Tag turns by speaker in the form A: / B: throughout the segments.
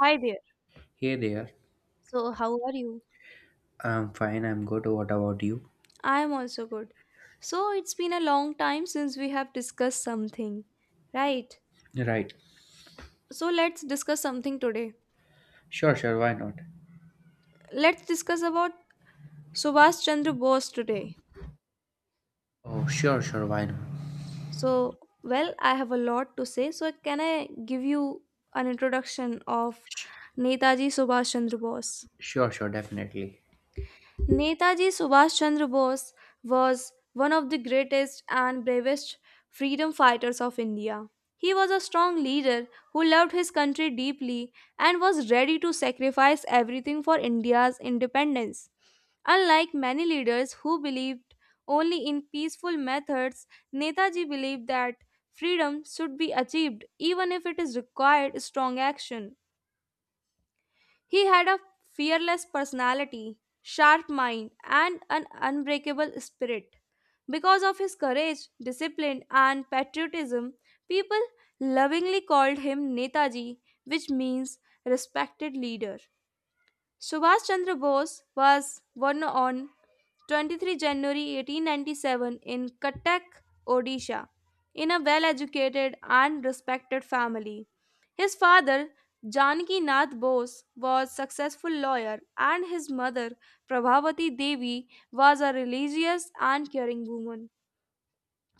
A: Hi there.
B: Hey there.
A: So, how are you?
B: I'm fine, I'm good. What about you?
A: I am also good. So, it's been a long time since we have discussed something, right?
B: Right.
A: So, let's discuss something today.
B: Sure, sure, why not?
A: Let's discuss about Subhash Chandra Bose today.
B: Oh, sure, sure, why not?
A: So, well, I have a lot to say. So, can I give you an introduction of
B: Sh-
A: Netaji Subhash Chandra Bose?
B: sure, sure, definitely.
A: Netaji Subhash Chandra Bose was one of the greatest and bravest freedom fighters of India. He was a strong leader who loved his country deeply and was ready to sacrifice everything for India's independence. Unlike many leaders who believed only in peaceful methods, Netaji believed that freedom should be achieved even if it is required strong action. He had a fearless personality, sharp mind, and an unbreakable spirit. Because of his courage, discipline, and patriotism, people lovingly called him Netaji, which means respected leader. Subhash Chandra Bose was born on 23 January 1897 in Cuttack, Odisha, in a well educated and respected family. His father, Janaki Nath Bose, was a successful lawyer and his mother, Prabhavati Devi, was a religious and caring woman.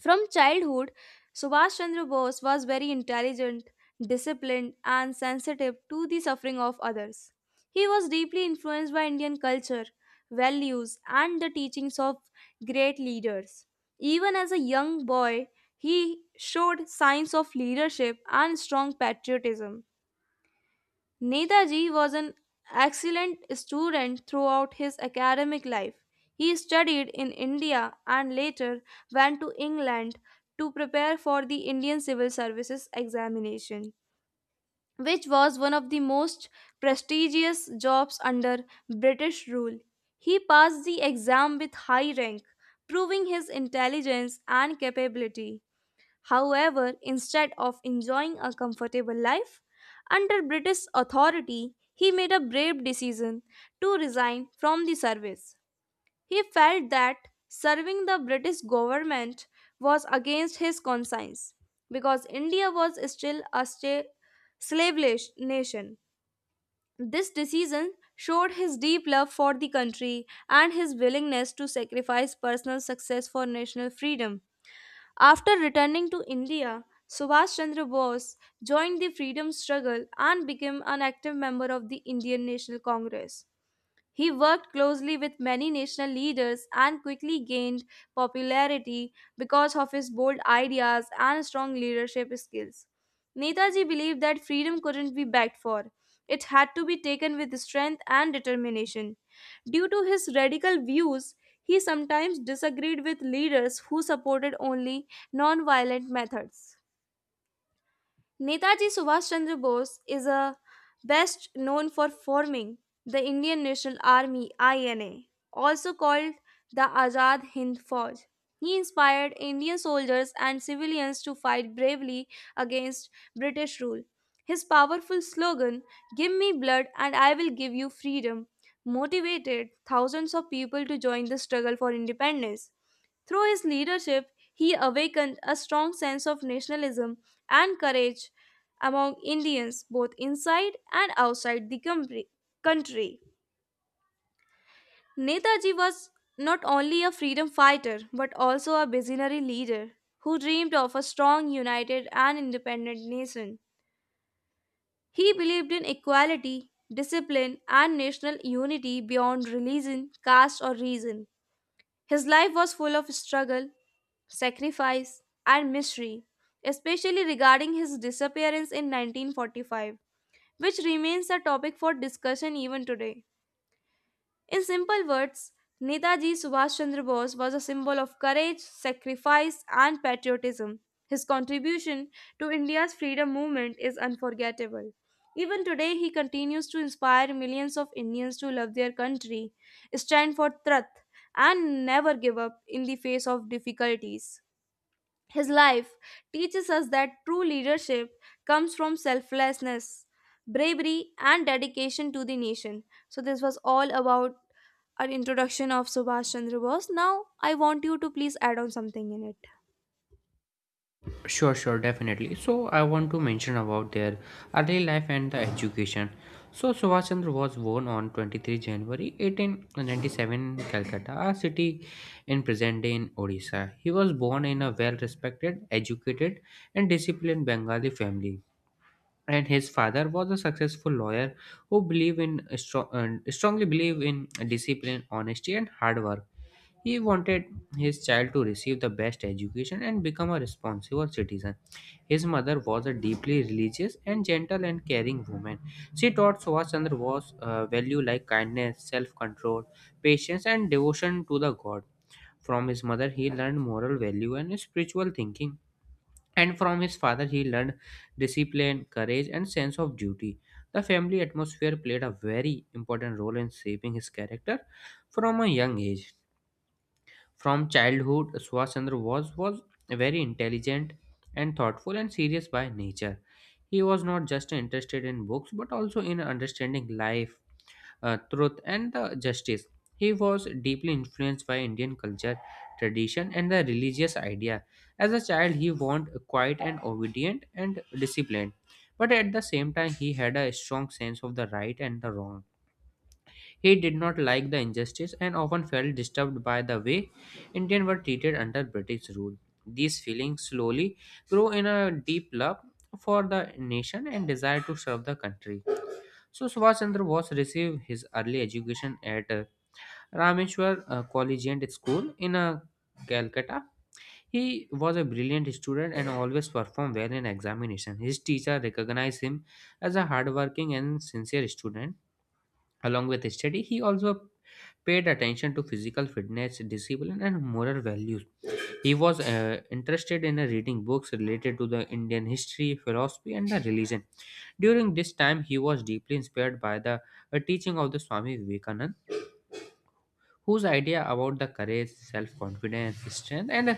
A: From childhood, Subhash Chandra Bose was very intelligent, disciplined, and sensitive to the suffering of others. He was deeply influenced by Indian culture, values, and the teachings of great leaders. Even as a young boy, he showed signs of leadership and strong patriotism. Netaji was an excellent student throughout his academic life. He studied in India and later went to England to prepare for the Indian Civil Services examination, which was one of the most prestigious jobs under British rule. He passed the exam with high rank, proving his intelligence and capability. However, instead of enjoying a comfortable life under British authority, he made a brave decision to resign from the service. He felt that serving the British government was against his conscience because India was still a slave nation. This decision showed his deep love for the country and his willingness to sacrifice personal success for national freedom. After returning to India, Subhash Chandra Bose joined the freedom struggle and became an active member of the Indian National Congress. He worked closely with many national leaders and quickly gained popularity because of his bold ideas and strong leadership skills. Netaji believed that freedom couldn't be begged for. It had to be taken with strength and determination. Due to his radical views, he sometimes disagreed with leaders who supported only non-violent methods. Netaji Subhash Chandra Bose is a best known for forming the Indian National Army, INA, also called the Azad Hind Fauj. He inspired Indian soldiers and civilians to fight bravely against British rule. His powerful slogan, "Give me blood and I will give you freedom," motivated thousands of people to join the struggle for independence. Through his leadership, he awakened a strong sense of nationalism and courage among Indians, both inside and outside the country. Netaji was not only a freedom fighter but also a visionary leader who dreamed of a strong, united, and independent nation. He believed in equality, discipline, and national unity beyond religion, caste, or reason. His life was full of struggle, sacrifice, and mystery, especially regarding his disappearance in 1945, which remains a topic for discussion even today. In simple words, Netaji Subhash Chandra Bose was a symbol of courage, sacrifice, and patriotism. His contribution to India's freedom movement is unforgettable. Even today, he continues to inspire millions of Indians to love their country, stand for truth, and never give up in the face of difficulties. His life teaches us that true leadership comes from selflessness, bravery, and dedication to the nation. So, this was all about our introduction of Subhash Chandra Bose. Now, I want you to please add on something in it.
B: Sure, sure, definitely. So, I want to mention about their early life and the education. So, Subhash Chandra was born on 23 January 1897 in Calcutta, a city in present day in Odisha. He was born in a well respected, educated, and disciplined Bengali family. And his father was a successful lawyer who believed in strongly believed in discipline, honesty, and hard work. He wanted his child to receive the best education and become a responsible citizen. His mother was a deeply religious and gentle and caring woman. She taught subhashchandra was value like kindness, self-control, patience, and devotion to the god. From his mother he learned moral value and spiritual thinking, and from his father he learned discipline, courage, and sense of duty. The family atmosphere played a very important role in shaping his character from a young age. From childhood, swachandra was very intelligent and thoughtful and serious by nature. He was not just interested in books but also in understanding life, truth, and the justice. He was deeply influenced by Indian culture, tradition, and the religious idea. As a child, he was quiet and obedient and disciplined. But at the same time, he had a strong sense of the right and the wrong. He did not like the injustice and often felt disturbed by the way Indians were treated under British rule. These feelings slowly grew in a deep love for the nation and desire to serve the country. So Subhash Chandra Bose received his early education at Rameshwar Collegiate School in Calcutta. He was a brilliant student and always performed well in examination. His teacher recognized him as a hardworking and sincere student. Along with study, he also paid attention to physical fitness, discipline, and moral values. He was interested in reading books related to the Indian history, philosophy, and the religion. During this time, he was deeply inspired by the teaching of the Swami Vivekananda, whose idea about the courage, self confidence, strength, and uh,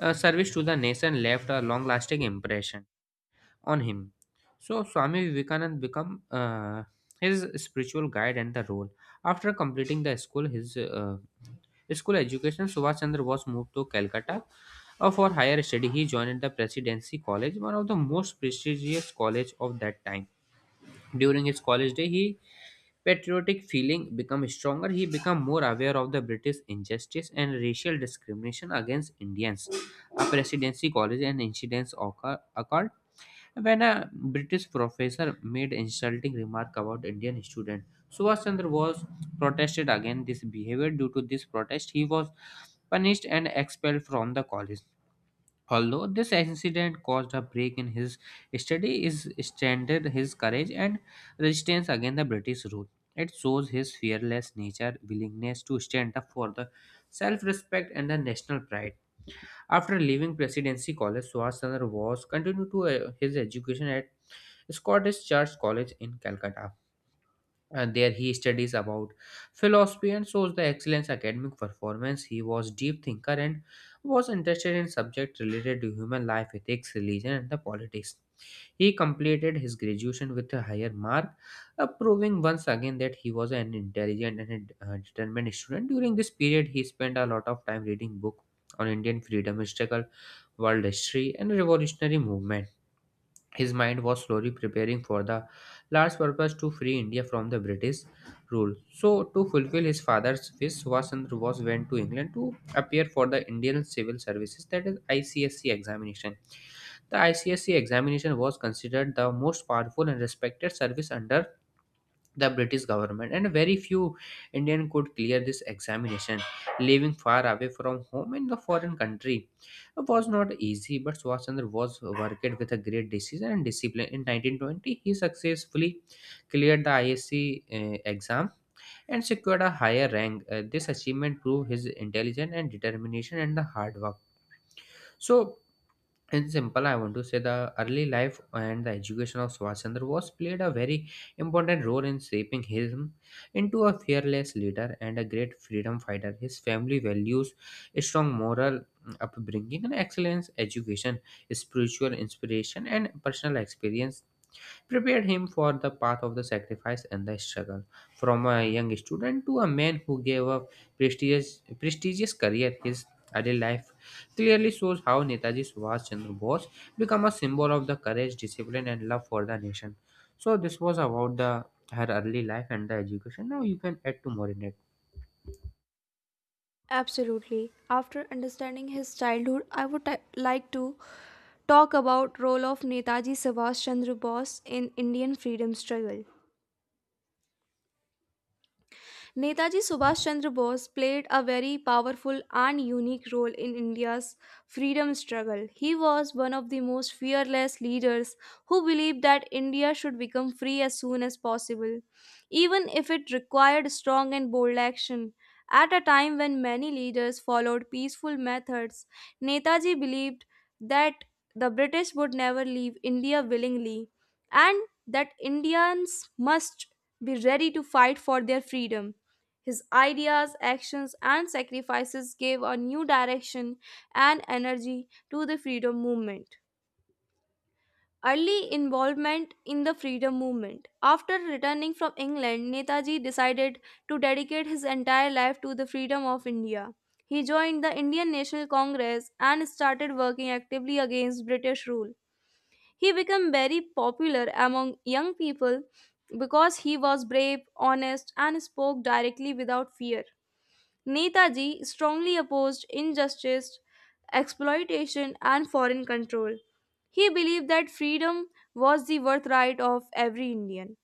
B: uh, service to the nation left a long lasting impression on him. So, Swami Vivekananda became his spiritual guide and the role. After completing the school, his school education, Subhash Chandra was moved to Calcutta for higher study. He joined the Presidency College, one of the most prestigious college of that time. During his college day, he patriotic feeling become stronger. He become more aware of the British injustice and racial discrimination against Indians. A presidency college and incidents occurred when a British professor made insulting remark about Indian student. Subhash Chandra was protested against this behavior. Due to this protest he was punished and expelled from the college. Although this incident caused a break in his study, is strengthened his courage and resistance against the British rule. It shows his fearless nature, willingness to stand up for the self-respect and the national pride. After leaving Presidency College, Subhash Chandra Bose continued to his education at Scottish Church College in Calcutta, and there he studies about philosophy and shows the excellence academic performance. He was deep thinker and was interested in subjects related to human life, ethics, religion, and the politics. He completed his graduation with a higher mark, proving once again that he was an intelligent and determined student. During this period he spent a lot of time reading books on Indian freedom struggle, world history, and revolutionary movement. His mind was slowly preparing for the large purpose to free India from the British rule. So, to fulfill his father's wish, Subhash Chandra Bose went to England to appear for the Indian Civil Services, that is ICSC examination. The ICSC examination was considered the most powerful and respected service under the British government, and very few Indian could clear this examination. Living far away from home in the foreign country was not easy, but Swachandra was worked with a great decision and discipline. In 1920, he successfully cleared the ISC exam and secured a higher rank. This achievement proved his intelligence and determination and the hard work. So in simple, I want to say the early life and the education of Swachandra was played a very important role in shaping him into a fearless leader and a great freedom fighter. His family values, a strong moral upbringing, and excellence education, spiritual inspiration, and personal experience prepared him for the path of the sacrifice and the struggle. From a young student to a man who gave up prestigious career, his adult life clearly shows how Netaji Subhash Chandra Bose become a symbol of the courage, discipline, and love for the nation. So this was about the her early life and the education. Now you can add to more in it.
A: Absolutely. After understanding his childhood, I would like to talk about role of Netaji Subhash Chandra Bose in Indian freedom struggle. Netaji Subhash Chandra Bose played a very powerful and unique role in India's freedom struggle. He was one of the most fearless leaders who believed that India should become free as soon as possible, even if it required strong and bold action. At a time when many leaders followed peaceful methods, Netaji believed that the British would never leave India willingly and that Indians must be ready to fight for their freedom. His ideas, actions, and sacrifices gave a new direction and energy to the freedom movement. Early involvement in the freedom movement. After returning from England, Netaji decided to dedicate his entire life to the freedom of India. He joined the Indian National Congress and started working actively against British rule. He became very popular among young people because he was brave, honest, and spoke directly without fear. Netaji strongly opposed injustice, exploitation, and foreign control. He believed that freedom was the birthright of every Indian.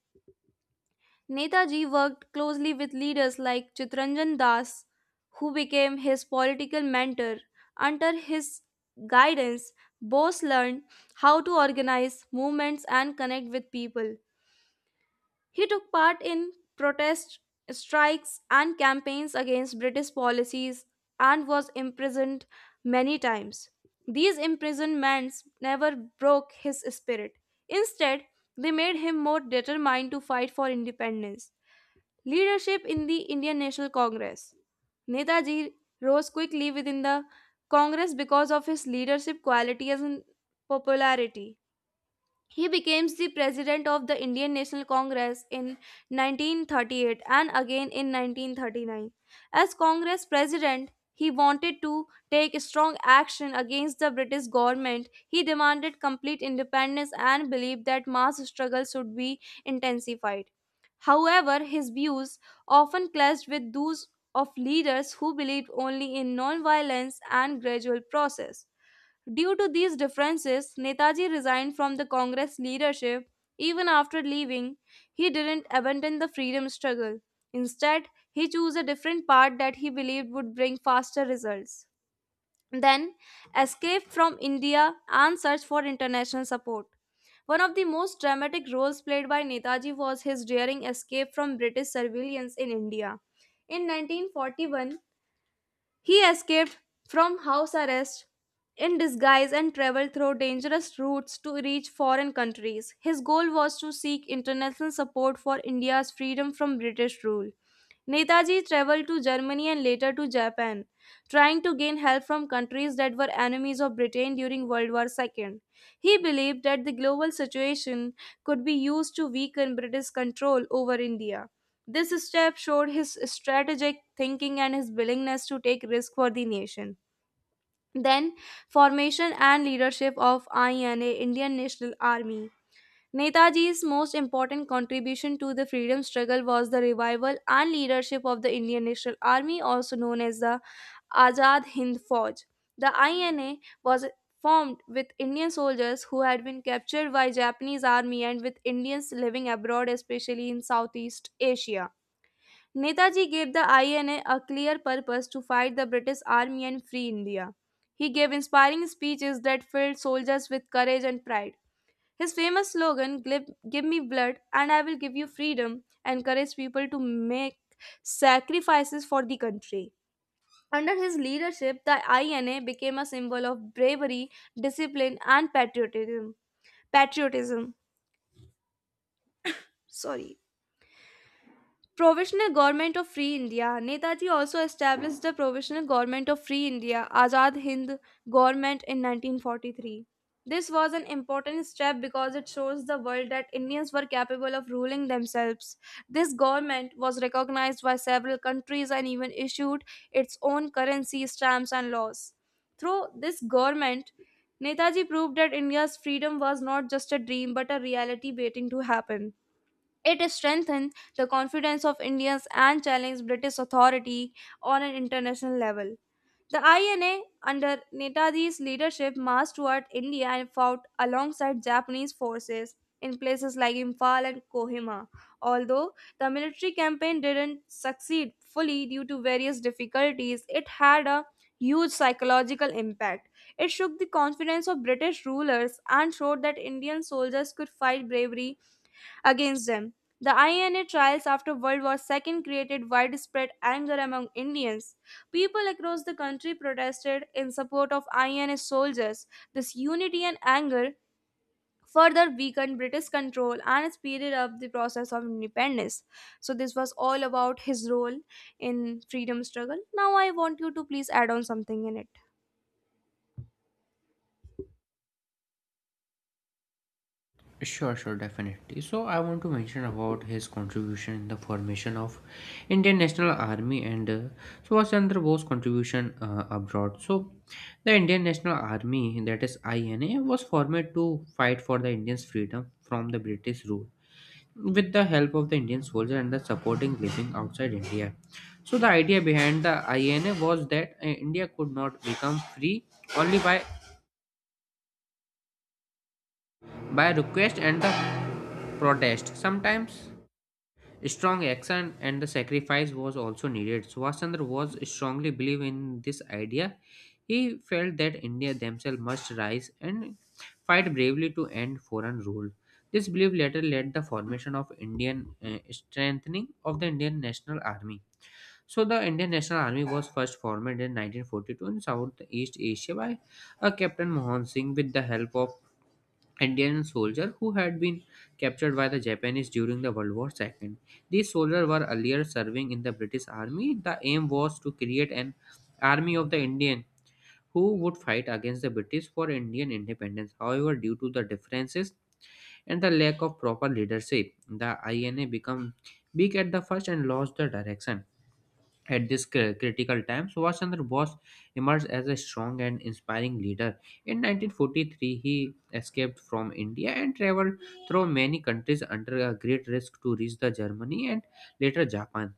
A: Netaji worked closely with leaders like Chitranjan Das, who became his political mentor. Under his guidance, Bose learned how to organize movements and connect with people. He took part in protest strikes and campaigns against British policies and was imprisoned many times. These imprisonments never broke his spirit. Instead, they made him more determined to fight for independence. Leadership in the Indian National Congress. Netaji rose quickly within the Congress because of his leadership qualities and popularity. He became the president of the Indian National Congress in 1938 and again in 1939. As Congress president, he wanted to take strong action against the British government. He demanded complete independence and believed that mass struggle should be intensified. However, his views often clashed with those of leaders who believed only in non-violence and gradual process. Due to these differences, Netaji resigned from the Congress leadership. Even after leaving, he didn't abandon the freedom struggle. Instead, he chose a different path that he believed would bring faster results. Then, escaped from India and searched for international support. One of the most dramatic roles played by Netaji was his daring escape from British surveillance in India. In 1941, he escaped from house arrest in disguise and traveled through dangerous routes to reach foreign countries. His goal was to seek international support for India's freedom from British rule. Netaji traveled to Germany and later to Japan, trying to gain help from countries that were enemies of Britain during World War II. He believed that the global situation could be used to weaken British control over India. This step showed his strategic thinking and his willingness to take risk for the nation. Then, formation and leadership of INA, Indian National Army. Netaji's most important contribution to the freedom struggle was the revival and leadership of the Indian National Army, also known as the Azad Hind Fauj. The INA was formed with Indian soldiers who had been captured by Japanese army and with Indians living abroad, especially in Southeast Asia. Netaji gave the INA a clear purpose to fight the British Army and free India. He gave inspiring speeches that filled soldiers with courage and pride. His famous slogan, "Give me blood and I will give you freedom," encouraged people to make sacrifices for the country. Under his leadership, the INA became a symbol of bravery, discipline, and patriotism. Patriotism. Sorry. Provisional Government of Free India. Netaji also established the Provisional Government of Free India, Azad Hind Government, in 1943. This was an important step because it shows the world that Indians were capable of ruling themselves. This government was recognized by several countries and even issued its own currency, stamps, and laws. Through this government, Netaji proved that India's freedom was not just a dream but a reality waiting to happen. It strengthened the confidence of Indians and challenged British authority on an international level. The INA, under Netaji's leadership, marched toward India and fought alongside Japanese forces in places like Imphal and Kohima. Although the military campaign didn't succeed fully due to various difficulties, it had a huge psychological impact. It shook the confidence of British rulers and showed that Indian soldiers could fight bravery against them. The INA trials after World War II created widespread anger among Indians. People across the country protested in support of INA soldiers. This unity and anger further weakened British control and speeded up the process of independence. So, this was all about his role in freedom struggle. Now, I want you to please add on something in it.
B: Sure, sure, definitely. So I want to mention about his contribution in the formation of Indian National Army, and Subhash Chandra Bose contribution abroad. So the Indian National Army, that is INA, was formed to fight for the Indians' freedom from the British rule with the help of the Indian soldier and the supporting living outside India. So the idea behind the INA was that India could not become free only by request and the protest. Sometimes strong action and the sacrifice was also needed. Subhashchandra was strongly believed in this idea. He felt that India themselves must rise and fight bravely to end foreign rule. This belief later led the formation of Indian strengthening of the Indian National Army. So the Indian National Army was first formed in 1942 in Southeast Asia by Captain Mohan Singh with the help of Indian soldier who had been captured by the Japanese during the World War II. These soldiers were earlier serving in the British Army. The aim was to create an army of the Indian who would fight against the British for Indian independence. However, due to the differences and the lack of proper leadership, the INA became weak at the first and lost the direction. At this critical time, Subhash Chandra Bose emerged as a strong and inspiring leader. In 1943, he escaped from India and traveled through many countries under a great risk to reach the Germany and later Japan.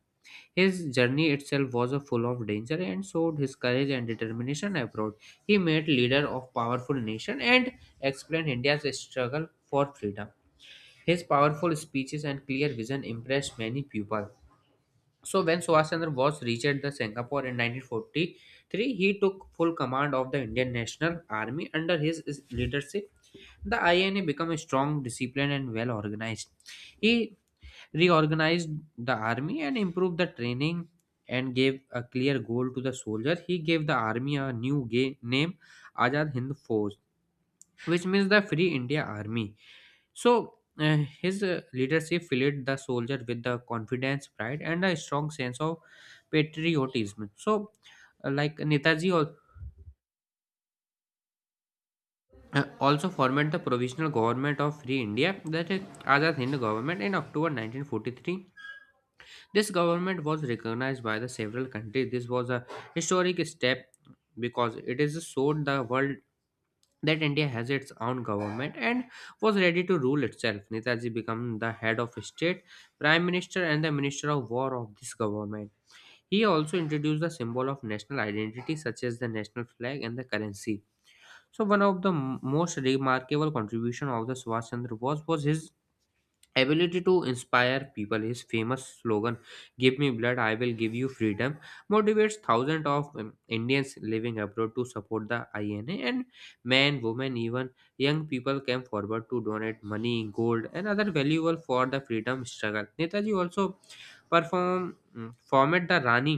B: His journey itself was a full of danger and showed his courage and determination abroad. He made leader of powerful nation and explained India's struggle for freedom. His powerful speeches and clear vision impressed many people. So when Subhash Chandra Bose reached the Singapore in 1943, he took full command of the Indian National Army. Under his leadership, the INA became strong, disciplined, and well organized. He reorganized the army and improved the training and gave a clear goal to the soldiers. He gave the army a new name, Azad Hind Force, which means the Free India Army. So his leadership filled the soldier with the confidence, pride, and a strong sense of patriotism. So, like Netaji also formed the provisional government of Free India, that is Azad Hind government, in October 1943. This government was recognized by the several countries. This was a historic step because it is showed the world that India has its own government and was ready to rule itself. Netaji became the head of state, prime minister, and the minister of war of this government. He also introduced the symbol of national identity, such as the national flag and the currency. So, one of the most remarkable contribution of the Subhash Chandra Bose was his ability to inspire people. His famous slogan, give me blood I will give you freedom, motivates thousands of Indians living abroad to support the INA. And men, women, even young people came forward to donate money, gold, and other valuable for the freedom struggle. Netaji also formed the rani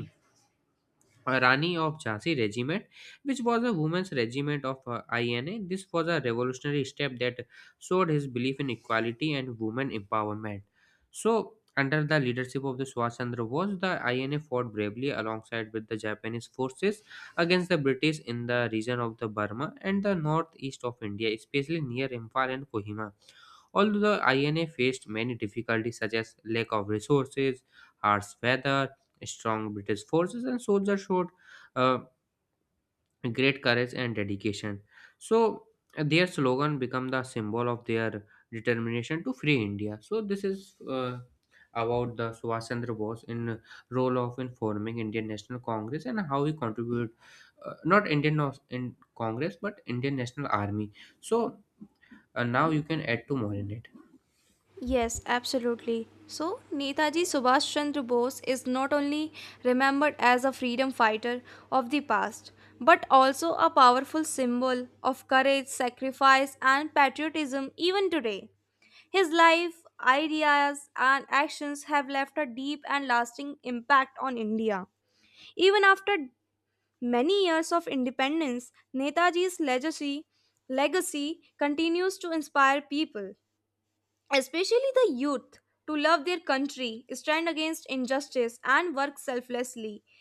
B: uh, Rani of Jhansi regiment, which was a women's regiment of INA. This was a revolutionary step that showed his belief in equality and women empowerment. So, under the leadership of the Subhash Chandra Bose, the INA fought bravely alongside with the Japanese forces against the British in the region of the Burma and the northeast of India, especially near Imphal and Kohima. Although the INA faced many difficulties such as lack of resources, harsh weather, strong British forces, and soldiers showed uh, great courage and dedication. So their slogan became the symbol of their determination to free India. So this is about the Subhash Chandra Bose in role of in forming Indian National Congress and how he contributed, not in Congress but Indian National Army. So now you can add to more in it.
A: Yes, absolutely. So, Netaji Subhash Chandra Bose is not only remembered as a freedom fighter of the past, but also a powerful symbol of courage, sacrifice, and patriotism even today. His life, ideas, and actions have left a deep and lasting impact on India. Even after many years of independence, Netaji's legacy continues to inspire people especially the youth, to love their country, stand against injustice, and work selflessly.